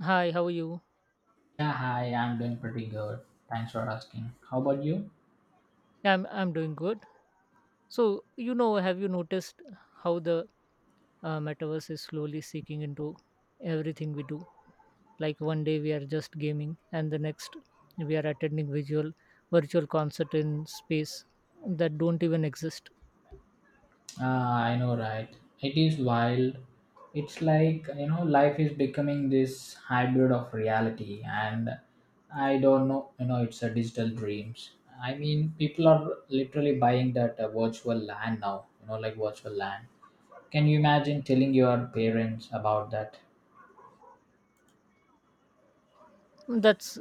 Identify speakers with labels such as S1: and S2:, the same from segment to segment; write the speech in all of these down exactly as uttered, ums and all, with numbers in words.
S1: Hi, how are you?
S2: Yeah, hi, I'm doing pretty good. Thanks for asking. How about you?
S1: Yeah, I'm I'm doing good. So, you know, have you noticed how the uh, metaverse is slowly seeking into everything we do? Like one day we are just gaming, and the next we are attending visual virtual concert in space that don't even exist.
S2: Ah, I know, right? It is wild. It's like, you know, life is becoming this hybrid of reality, and I don't know, you know, it's a digital dreams. I mean, people are literally buying that uh, virtual land now, you know, like virtual land. Can you imagine telling your parents about that?
S1: That's,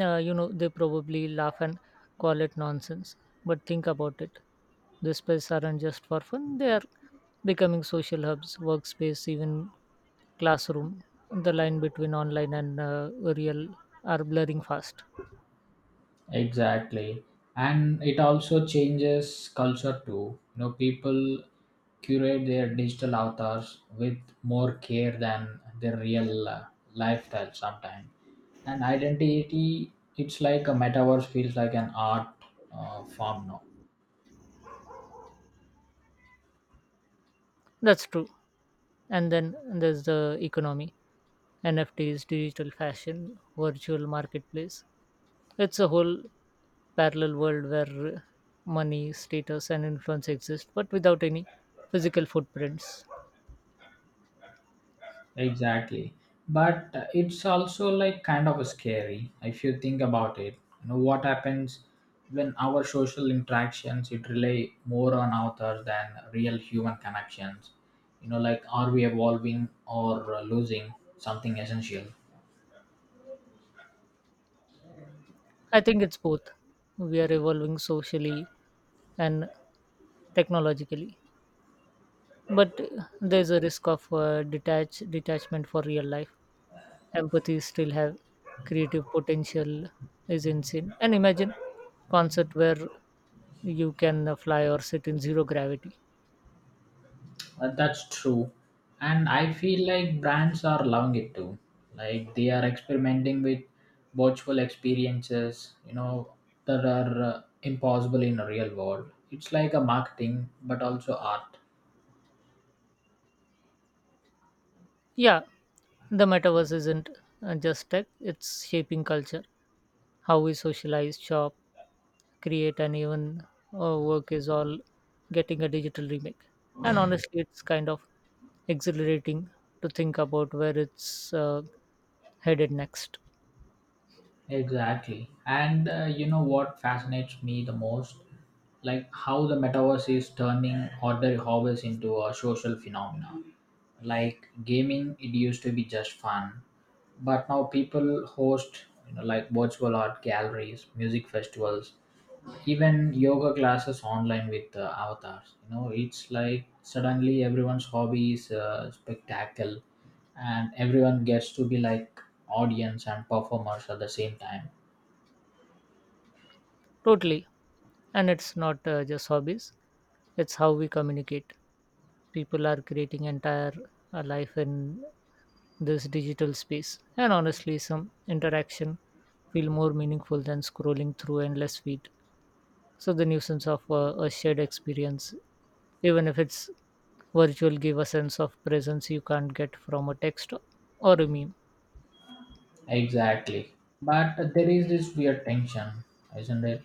S1: uh, you know, they probably laugh and call it nonsense. But think about it. These places aren't just for fun, they are becoming social hubs, workspace, even classroom. The line between online and uh, real are blurring fast.
S2: Exactly. And it also changes culture too. You know, people curate their digital avatars with more care than their real uh, lifestyle sometimes. And identity, it's like a metaverse feels like an art uh, form now.
S1: That's true. And then there's the economy N F Ts, digital fashion, virtual marketplace. It's a whole parallel world where uh, money, status, and influence exist, but without any physical footprints.
S2: Exactly. But uh, it's also like kind of scary if you think about it. You know what happens when our social interactions it rely more on authors than real human connections. You know, like are we evolving or uh, losing something essential?
S1: I think it's both. We are evolving socially and technologically, but uh, there's a risk of uh, detach detachment for real life. Empathy still have creative potential is insane, and imagine concert where you can uh, fly or sit in zero gravity.
S2: Uh, that's true. And I feel like brands are loving it too. Like they are experimenting with virtual experiences, you know, that are uh, impossible in a real world. It's like a marketing, but also art.
S1: Yeah, the metaverse isn't uh, just tech, it's shaping culture. How we socialize, shop, create, and even uh, work is all getting a digital remake. And honestly, it's kind of exhilarating to think about where it's uh, headed next.
S2: Exactly. And uh, you know what fascinates me the most? Like how the metaverse is turning ordinary hobbies into a social phenomena. Like gaming, it used to be just fun, but now people host you know, like virtual art galleries, music festivals, even yoga classes online with uh, avatars. You know, it's like suddenly everyone's hobby is a spectacle, and everyone gets to be like audience and performers at the same time.
S1: Totally. And it's not uh, just hobbies, it's how we communicate. People are creating entire uh, life in this digital space, and honestly some interaction feel more meaningful than scrolling through endless feed. So the nuisance of uh, a shared experience, even if it's virtual, give a sense of presence you can't get from a text or a meme.
S2: Exactly. But there is this weird tension, isn't it?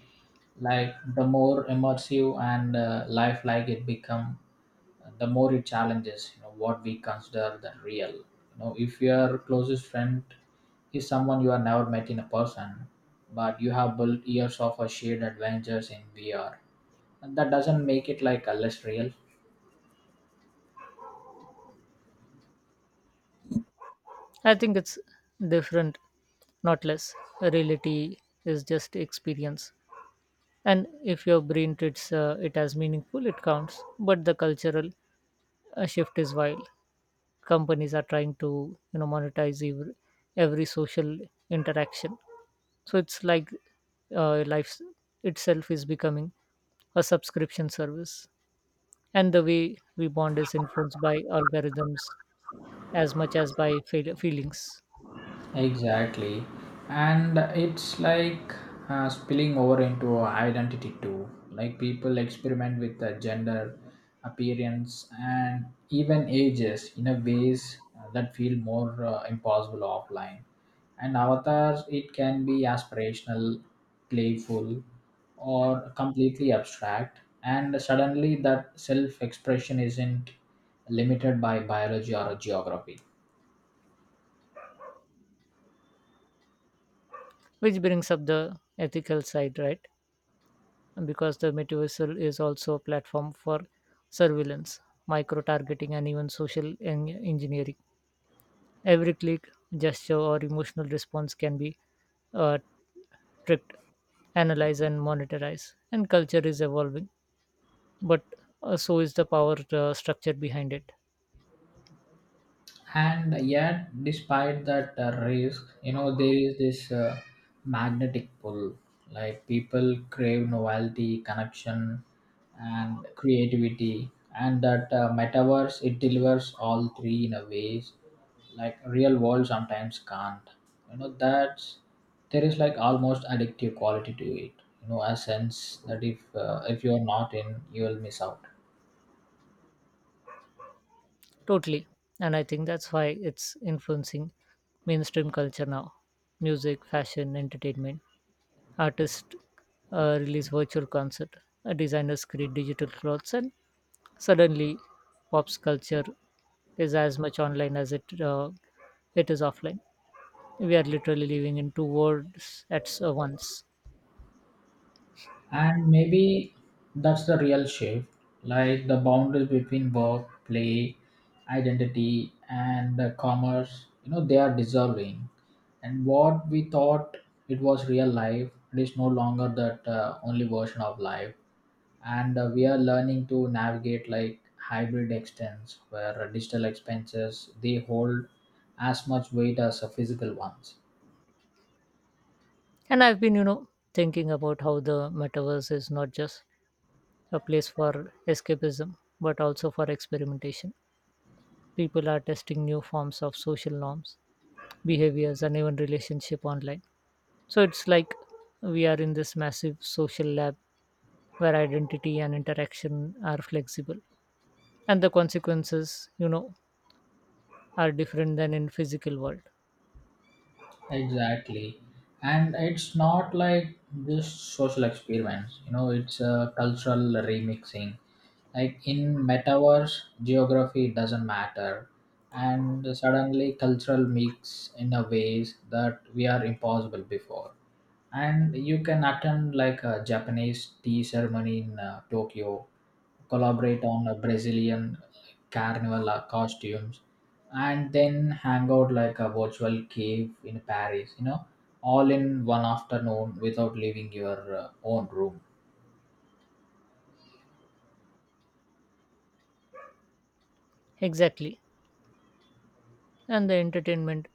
S2: Like the more immersive and uh, lifelike it become, the more it challenges, you know, what we consider the real. You know, if your closest friend is someone you have never met in a person, but you have built years of a shared adventures in V R, and that doesn't make it like a less real.
S1: I think it's different, not less. Reality is just experience, and if your brain treats uh, it as meaningful, it counts. But the cultural uh, shift is wild. Companies are trying to, you know, monetize every, every social interaction. So it's like uh, life itself is becoming a subscription service, and the way we bond is influenced by algorithms as much as by feel- feelings,
S2: Exactly. And it's like uh, spilling over into identity too. Like people experiment with the gender, appearance, and even ages in a ways that feel more uh, impossible offline. And avatars, it can be aspirational, playful, or completely abstract. And suddenly, that self expression isn't limited by biology or geography.
S1: which brings up the ethical side, right? Because the Met is also a platform for surveillance, micro targeting, and even social en- engineering. Every click, gesture, or emotional response can be uh, tricked, analyzed, and monetized. And culture is evolving, but uh, so is the power uh, structure behind it.
S2: And yet despite that uh, risk, you know, there is this uh, magnetic pull, like people crave novelty connection and creativity, and that uh, metaverse it delivers all three in a ways like real world sometimes can't, you know, that's there is like almost addictive quality to it, you know, a sense that if uh, if you're not in you will miss out.
S1: Totally. And I think that's why it's influencing mainstream culture now: music, fashion, entertainment. Artists uh, release virtual concert, uh, designers create digital clothes, and suddenly, pop's culture is as much online as it uh, it is offline. We are literally living in two worlds at s- uh, once.
S2: And maybe that's the real shift, like the boundaries between work, play, identity, and the commerce, you know, they are dissolving. And what we thought it was real life, it is no longer that uh, only version of life. And uh, we are learning to navigate like hybrid extents where digital expenses they hold as much weight as uh, physical ones.
S1: And I've been, you know, thinking about how the metaverse is not just a place for escapism, but also for experimentation. People are testing new forms of social norms, behaviors, and even relationship online. So it's like we are in this massive social lab where identity and interaction are flexible, and the consequences, you know, are different than in physical world.
S2: Exactly. And it's not like just social experiments, you know, it's a cultural remixing. Like in metaverse, geography doesn't matter. And suddenly cultural mix in a ways that we are impossible before. And you can attend like a Japanese tea ceremony in uh, Tokyo, collaborate on a Brazilian carnival uh, costumes, and then hang out like a virtual cave in Paris, you know, all in one afternoon without leaving your uh, own room.
S1: Exactly. And the entertainment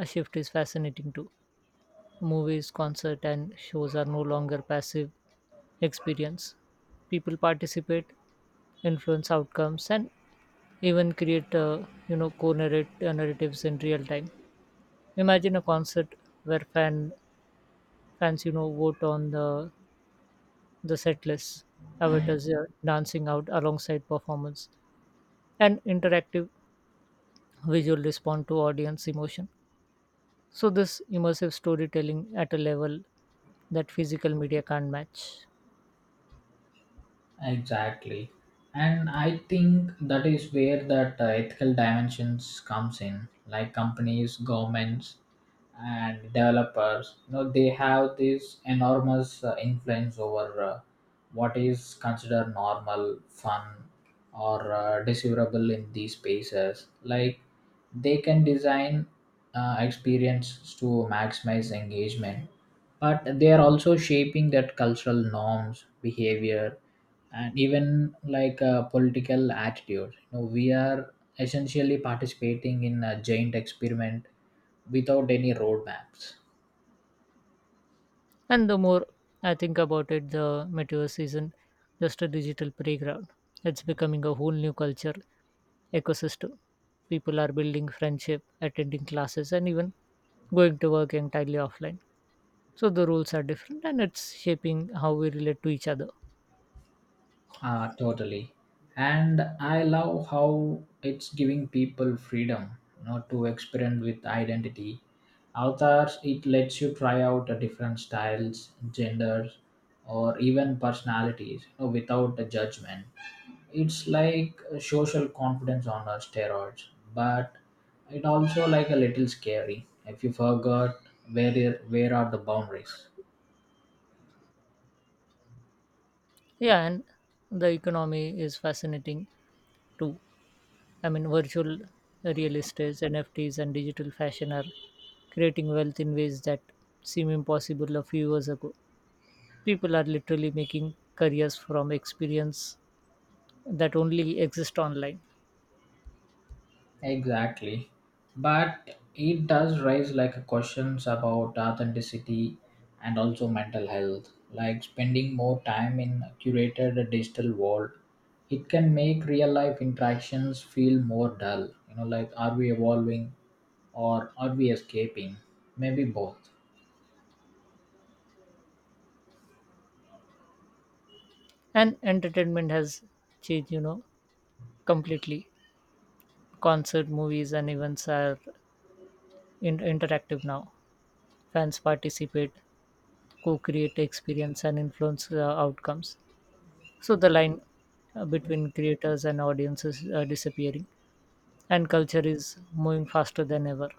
S1: uh, shift is fascinating too. Movies, concert, and shows are no longer passive experience. People participate, influence outcomes, and even create, uh, you know co-narrate uh, narratives in real time. Imagine a concert where fan fans, you know, vote on the the set list, avatars uh, dancing out alongside performance, and interactive visual respond to audience emotion. So, this immersive storytelling at a level that physical media can't match.
S2: Exactly. And I think that is where that uh, ethical dimensions comes in, like companies, governments, and developers, you know, they have this enormous uh, influence over uh, what is considered normal fun or uh, desirable in these spaces, like they can design uh, experience to maximize engagement, but they are also shaping that cultural norms behavior and even like uh, political attitude. You know, we are essentially participating in a giant experiment without any roadmaps.
S1: And the more I think about it, the metaverse isn't just a digital playground. It's becoming a whole new culture ecosystem. People are building friendship, attending classes, and even going to work entirely offline. So the rules are different, and it's shaping how we relate to each other.
S2: Uh, totally. And I love how it's giving people freedom, you know, to experiment with identity. Avatars, it lets you try out uh, different styles, genders, or even personalities, you know, without a judgment. It's like uh, social confidence on uh, steroids, but it also like a little scary if you forgot where where are the boundaries.
S1: Yeah, and the economy is fascinating too. I mean, virtual real estates, N F Ts, and digital fashion are creating wealth in ways that seem impossible a few years ago. People are literally making careers from experience that only exist online.
S2: Exactly. But it does raise like questions about authenticity and also mental health. Like spending more time in a curated digital world, it can make real life interactions feel more dull. You know, like are we evolving or are we escaping? Maybe both.
S1: And entertainment has changed, you know, completely. Concert, movies, and events are in- interactive now. Fans participate, co create experience, and influence uh, outcomes. So the line uh, between creators and audiences uh, disappearing, and culture is moving faster than ever.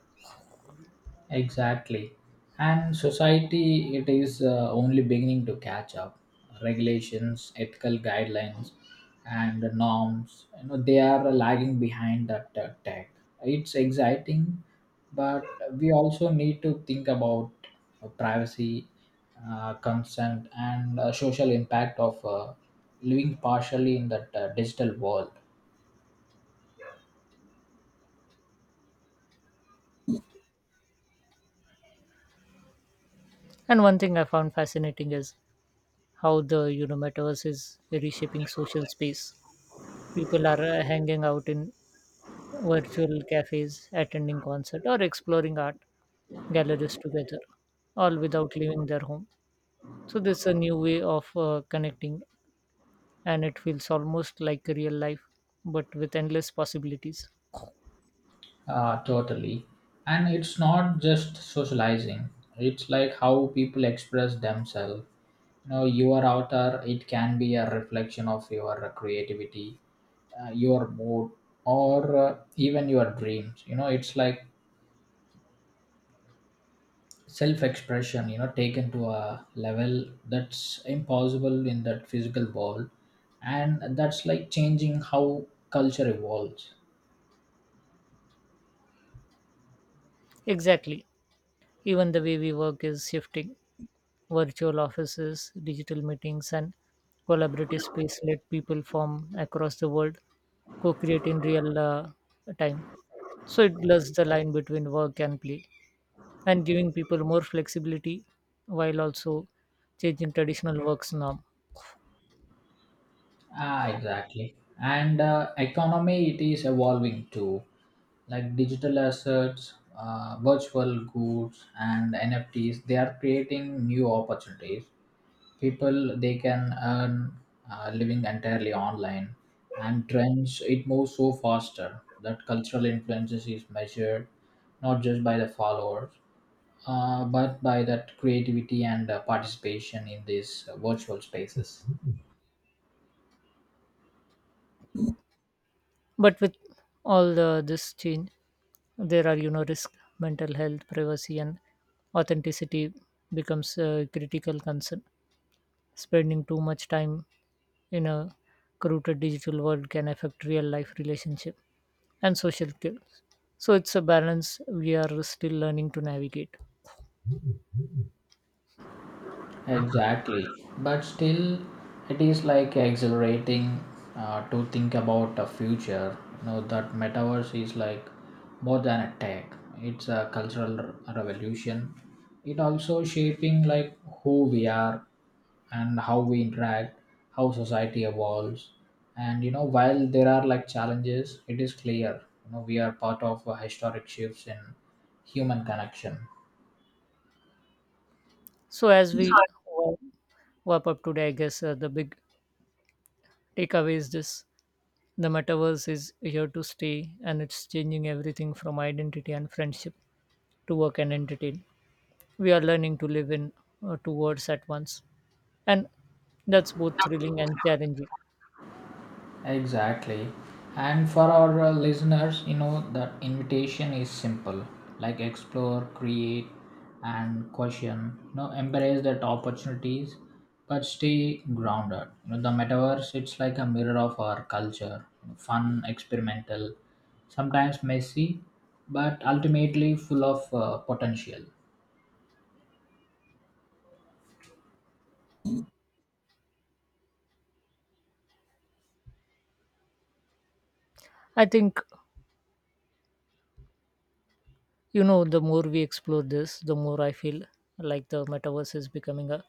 S2: Exactly. And society, it is uh, only beginning to catch up. Regulations, ethical guidelines, and norms, you know, they are lagging behind that uh, tech. It's exciting, but we also need to think about uh, privacy, uh, consent, and uh, social impact of uh, living partially in that uh, digital world.
S1: And one thing I found fascinating is how the, you know, metaverse is reshaping social space. People are uh, hanging out in virtual cafes, attending concert, or exploring art galleries together, all without leaving their home. So this is a new way of uh, connecting, and it feels almost like real life, but with endless possibilities.
S2: Uh, totally. And it's not just socializing. It's like how people express themselves. You know, your outer, it can be a reflection of your creativity, uh, your mood, or uh, even your dreams. You know, it's like self-expression, you know, taken to a level that's impossible in that physical world. And that's like changing how culture evolves.
S1: Exactly. Even the way we work is shifting. Virtual offices, digital meetings, and collaborative space let people from across the world co-create in real uh, time. So it blurs the line between work and play, and giving people more flexibility while also changing traditional work's norm.
S2: Ah, exactly. And uh, economy, it is evolving too. Like digital assets, uh, virtual goods, and N F Ts, they are creating new opportunities. People, they can earn uh, living entirely online. And trends, it moves so faster that cultural influences is measured not just by the followers, uh, but by that creativity and uh, participation in these uh, virtual spaces.
S1: But with all the, this change, there are, you know, risk, mental health, privacy, and authenticity becomes a critical concern. Spending too much time in a crowded digital world can affect real life relationship and social skills. So it's a balance we are still learning to navigate.
S2: Exactly. But still, it is like exhilarating uh, to think about the future. You know, that metaverse is like more than a tech, it's a cultural r- revolution. It also shaping like who we are and how we interact, how society evolves. And you know, while there are like challenges, it is clear, you know, we are part of a historic shifts in human connection.
S1: So as we wa- wrap up today, I guess uh, the big takeaway is this: the metaverse is here to stay, and it's changing everything from identity and friendship to work and entertain. We are learning to live in uh, two worlds at once, and that's both thrilling and challenging.
S2: Exactly. And for our uh, listeners, you know, the invitation is simple, like explore, create, and question. You know, embrace that opportunities, but stay grounded. You know, the metaverse, it's like a mirror of our culture, fun, experimental, sometimes messy, but ultimately full of uh, potential.
S1: I think, you know, the more we explore this, the more I feel like the metaverse is becoming a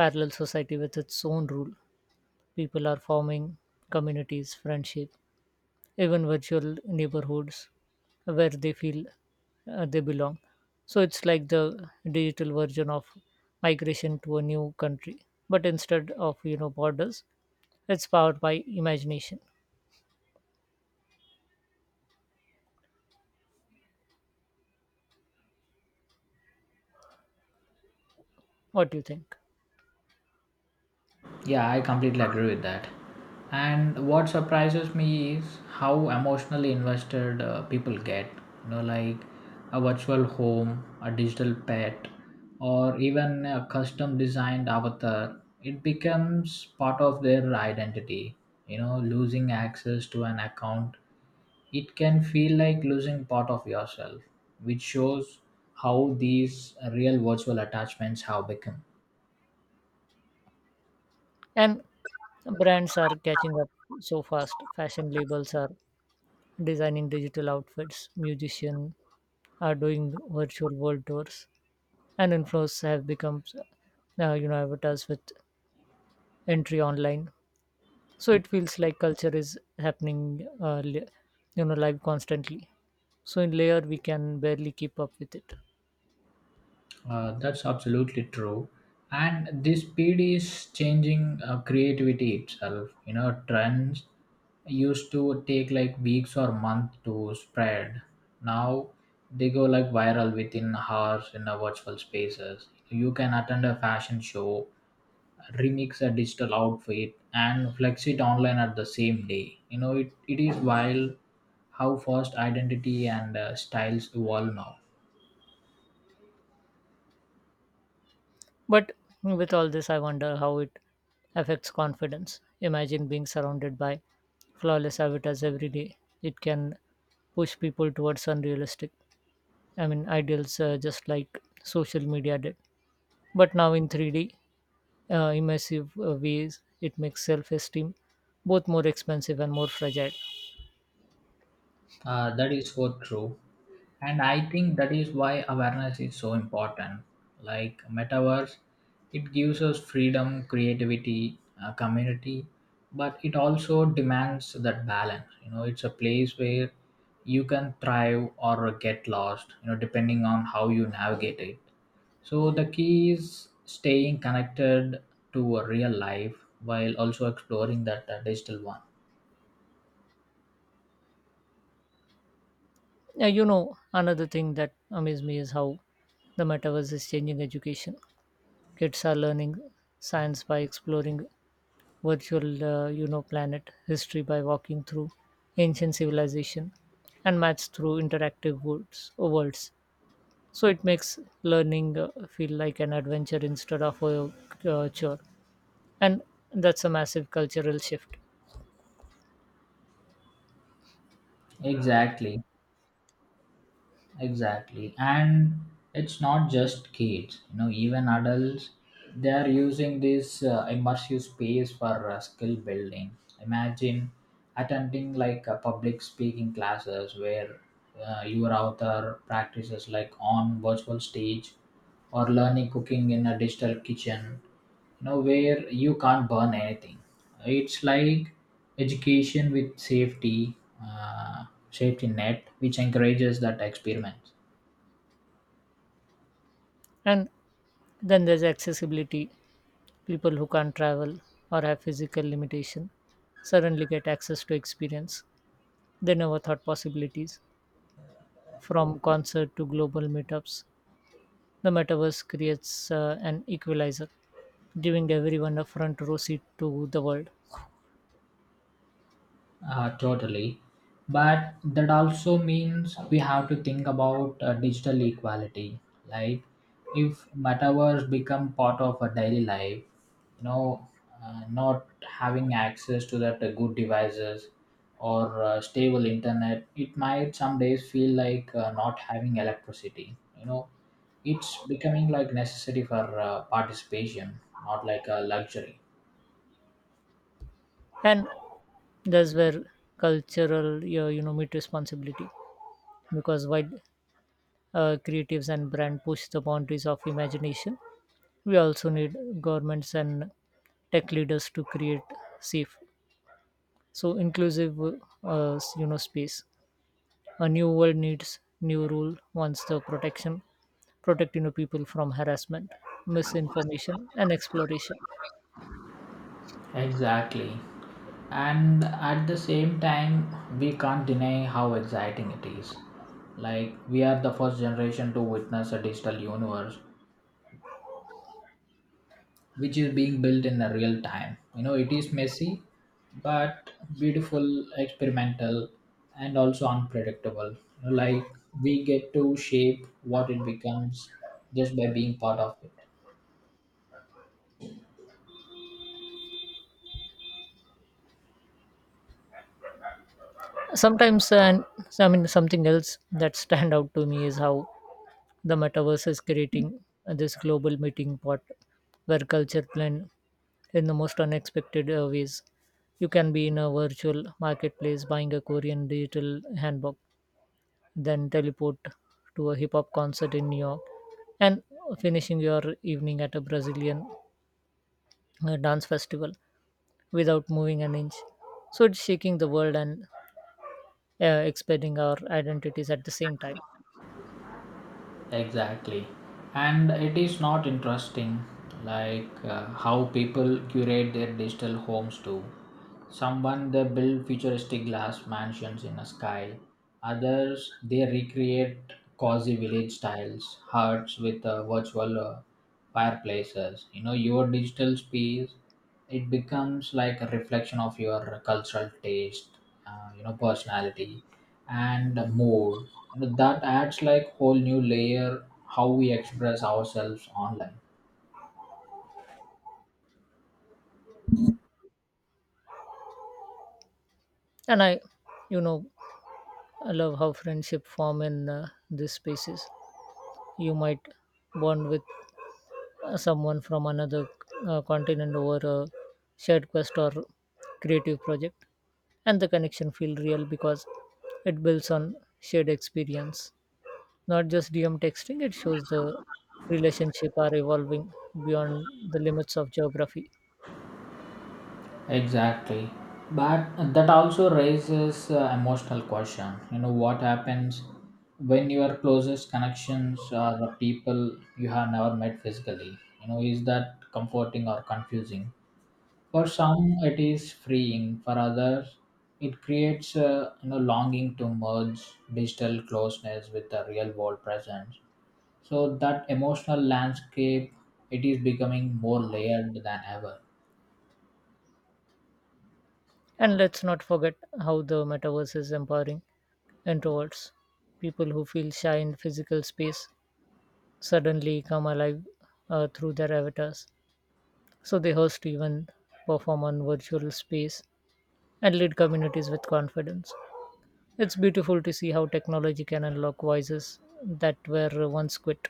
S1: parallel society with its own rule. People are forming communities, friendship, even virtual neighborhoods where they feel uh, they belong. So it's like the digital version of migration to a new country, but instead of, you know, borders, it's powered by imagination. What do you think?
S2: Yeah, I completely agree with that. And what surprises me is how emotionally invested uh, people get. You know, like a virtual home, a digital pet, or even a custom designed avatar. It becomes part of their identity. You know, losing access to an account, it can feel like losing part of yourself, which shows how these real virtual attachments have become.
S1: And brands are catching up so fast. Fashion labels are designing digital outfits, musicians are doing virtual world tours, and influencers have become, uh, you know avatars with entry online. So it feels like culture is happening, uh, li- you know, live constantly. So in layer we can barely keep up with it.
S2: Uh, that's absolutely true. And this speed is changing uh, creativity itself. You know, trends used to take like weeks or months to spread. Now they go like viral within hours in the virtual spaces. You can attend a fashion show, remix a digital outfit, and flex it online at the same day. You know, it, it is wild how fast identity and uh, styles evolve now.
S1: But with all this, I wonder how it affects confidence. Imagine being surrounded by flawless avatars every day. It can push people towards unrealistic, I mean, ideals, uh, just like social media did. But now in three D, uh, immersive uh, ways, it makes self esteem both more expensive and more fragile.
S2: Uh, that is so true. And I think that is why awareness is so important, like metaverse it gives us freedom, creativity, uh, community, but it also demands that balance. You know, it's a place where you can thrive or get lost, you know, depending on how you navigate it. So the key is staying connected to a real life, while also exploring that uh, digital one.
S1: Uh, you know, another thing that amazes me is how the metaverse is changing education. Kids are learning science by exploring virtual, uh, you know, planet, history by walking through ancient civilization, and maths through interactive worlds. Or worlds. So it makes learning uh, feel like an adventure instead of a uh, chore, and that's a massive cultural shift.
S2: Exactly exactly And it's not just kids, you know, even adults, they are using this uh, immersive space for uh, skill building. Imagine attending like a public speaking classes where uh, your author practices like on virtual stage, or learning cooking in a digital kitchen, you know, where you can't burn anything. It's like education with safety uh, safety net which encourages that experiment.
S1: And then there's accessibility. People who can't travel or have physical limitation suddenly get access to experience they never thought possibilities, from concert to global meetups. The metaverse creates uh, an equalizer, giving everyone a front row seat to the world.
S2: Uh, totally. But that also means we have to think about uh, digital equality. Like if metaverse become part of our daily life, you know, uh, not having access to that uh, good devices or uh, stable internet, it might some days feel like uh, not having electricity, you know, it's becoming like necessary for uh, participation, not like a luxury.
S1: And that's where cultural, you know, you know meet responsibility, because while uh, creatives and brand push the boundaries of imagination, we also need governments and tech leaders to create safe, so inclusive, uh, you know, space. A new world needs new rule wants the protection, protect, you know, people from harassment, misinformation, and exploration.
S2: Exactly. And at the same time, we can't deny how exciting it is. Like, we are the first generation to witness a digital universe which is being built in a real time. You know, it is messy, but beautiful, experimental, and also unpredictable. You know, like, we get to shape what it becomes just by being part of it.
S1: Sometimes, and I mean, something else that stand out to me is how the metaverse is creating this global meeting pot where culture blend in the most unexpected uh, ways. You can be in a virtual marketplace buying a Korean digital handbag, then teleport to a hip hop concert in New York, and finishing your evening at a Brazilian uh, dance festival without moving an inch. So it's shaking the world and uh, expanding our identities at the same time.
S2: Exactly. And it is not interesting, like uh, how people curate their digital homes too. Someone they build futuristic glass mansions in the sky, others they recreate cozy village styles huts with uh, virtual uh, fireplaces. You know, your digital space it becomes like a reflection of your cultural taste, uh, you know, personality and mood. That adds like whole new layer how we express ourselves online.
S1: And I, you know, I love how friendship form in uh, these spaces. You might bond with someone from another uh, continent over a shared quest or creative project, and the connection feel real because it builds on shared experience, not just DM texting. It shows the relationship are evolving beyond the limits of geography.
S2: Exactly. But that also raises uh, emotional question. You know what happens when your closest connections are the people you have never met physically, you know, is that comforting or confusing? For some it is freeing, for others it creates a, you know, longing to merge digital closeness with the real world presence. So that emotional landscape it is becoming more layered than ever.
S1: And let's not forget how the metaverse is empowering introverts. People who feel shy in physical space suddenly come alive uh, through their avatars. So they host events, perform on virtual space, and lead communities with confidence. It's beautiful to see how technology can unlock voices that were once quit.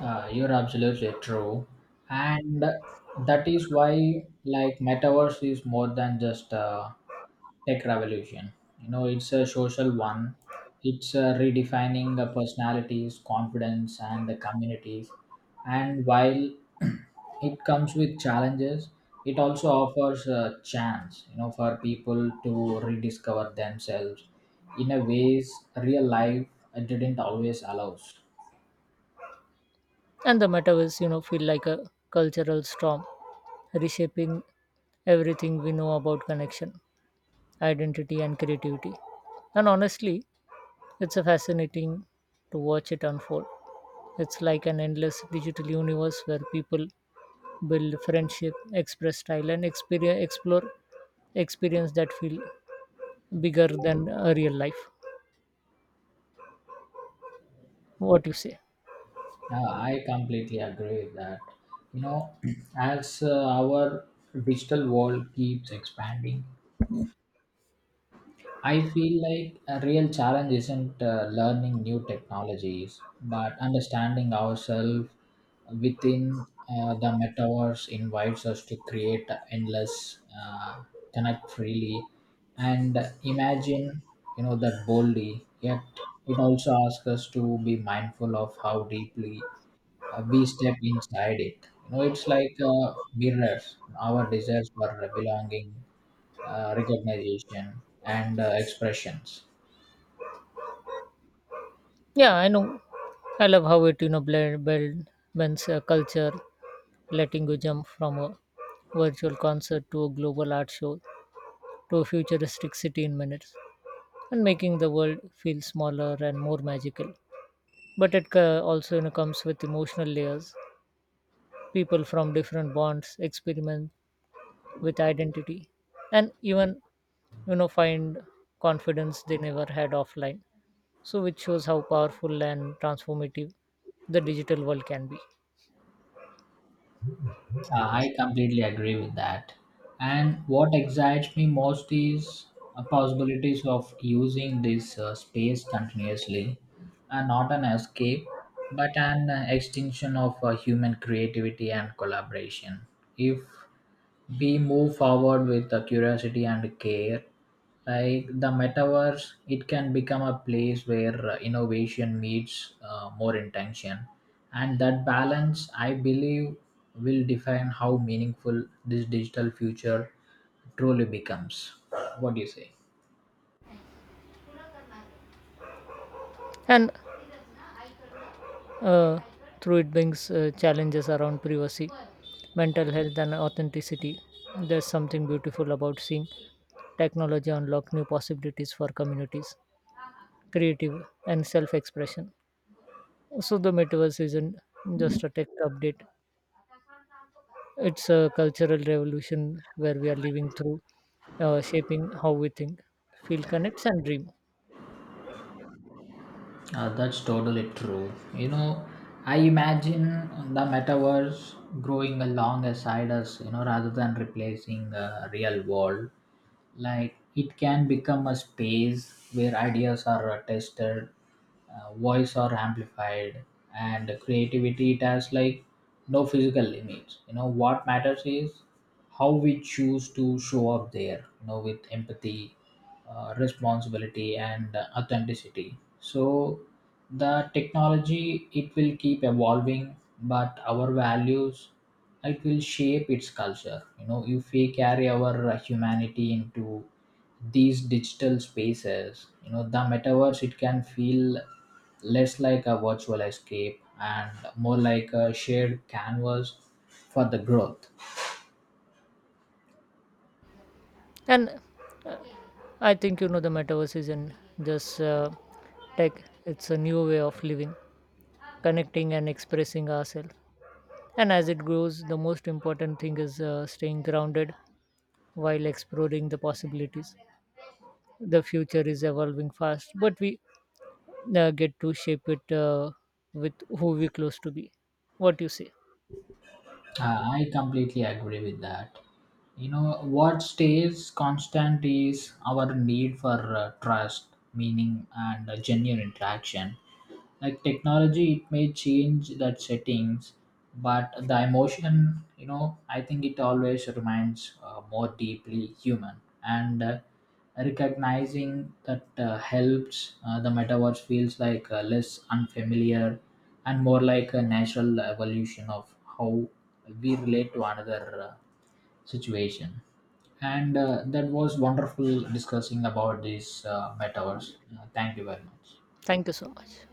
S2: Uh, you're absolutely true. And that is why, like, metaverse is more than just a tech revolution. You know, it's a social one. It's uh, redefining the personalities, confidence, and the communities. And while it comes with challenges, it also offers a chance, you know, for people to rediscover themselves in a ways real life uh, didn't always allows.
S1: And the metaverse, you know, feel like a cultural storm, reshaping everything we know about connection, identity, and creativity. And honestly, it's a fascinating to watch it unfold. It's like an endless digital universe where people build friendship, express style, and experience, explore experience that feel bigger than uh, real life. What you say?
S2: Yeah, I completely agree with that. You know, as uh, our digital world keeps expanding, I feel like a real challenge isn't uh, learning new technologies, but understanding ourselves within uh, the metaverse invites us to create endless, uh, connect freely, and imagine, you know, that boldly. Yet it also asks us to be mindful of how deeply uh, we step inside it. You know, it's like uh, mirrors, our desires for belonging, uh, recognition, and uh, expressions.
S1: Yeah, I know. I love how it, you know, blend, blend blends uh, culture, letting you jump from a virtual concert to a global art show to a futuristic city in minutes, and making the world feel smaller and more magical. But it ca- also, you know, comes with emotional layers. People from different bonds experiment with identity, and even, you know, find confidence they never had offline. So which shows how powerful and transformative the digital world can be.
S2: Uh, I completely agree with that. And what excites me most is uh, possibilities of using this uh, space continuously, and not an escape, but an uh, extension of uh, human creativity and collaboration. If we move forward with the curiosity and care, like the metaverse it can become a place where uh, innovation meets uh, more intention, and that balance I believe will define how meaningful this digital future truly becomes. What do you say?
S1: And uh, through it brings uh, challenges around privacy, mental health, and authenticity, there's something beautiful about seeing technology unlock new possibilities for communities, creative, and self-expression. So the metaverse isn't just a tech update; it's a cultural revolution where we are living through, uh, shaping how we think, feel, connect, and dream.
S2: Uh, that's totally true. You know, I imagine the metaverse growing along alongside us, you know, rather than replacing the real world. Like it can become a space where ideas are uh, tested, uh, voice are amplified, and creativity it has like no physical limits. You know, what matters is how we choose to show up there, you know, with empathy, uh, responsibility, and uh, authenticity. So the technology it will keep evolving, but our values it will shape its culture. You know, if we carry our uh, humanity into these digital spaces, you know, the metaverse it can feel less like a virtual escape and more like a shared canvas for the growth.
S1: And I think, you know, the metaverse isn't just uh, tech; it's a new way of living, connecting, and expressing ourselves. And as it grows, the most important thing is uh, staying grounded while exploring the possibilities. The future is evolving fast, but we uh, get to shape it uh, with who we close to be. What do you say?
S2: Uh, i completely agree with that. You know, what stays constant is our need for uh, trust, meaning, and uh, genuine interaction. Like technology it may change that settings, but the emotion, you know, I think it always remains uh, more deeply human. And uh, recognizing that uh, helps uh, the metaverse feels like uh, less unfamiliar and more like a natural evolution of how we relate to another uh, situation. And uh, that was wonderful discussing about this uh, metaverse. Uh, thank you very much.
S1: Thank you so much.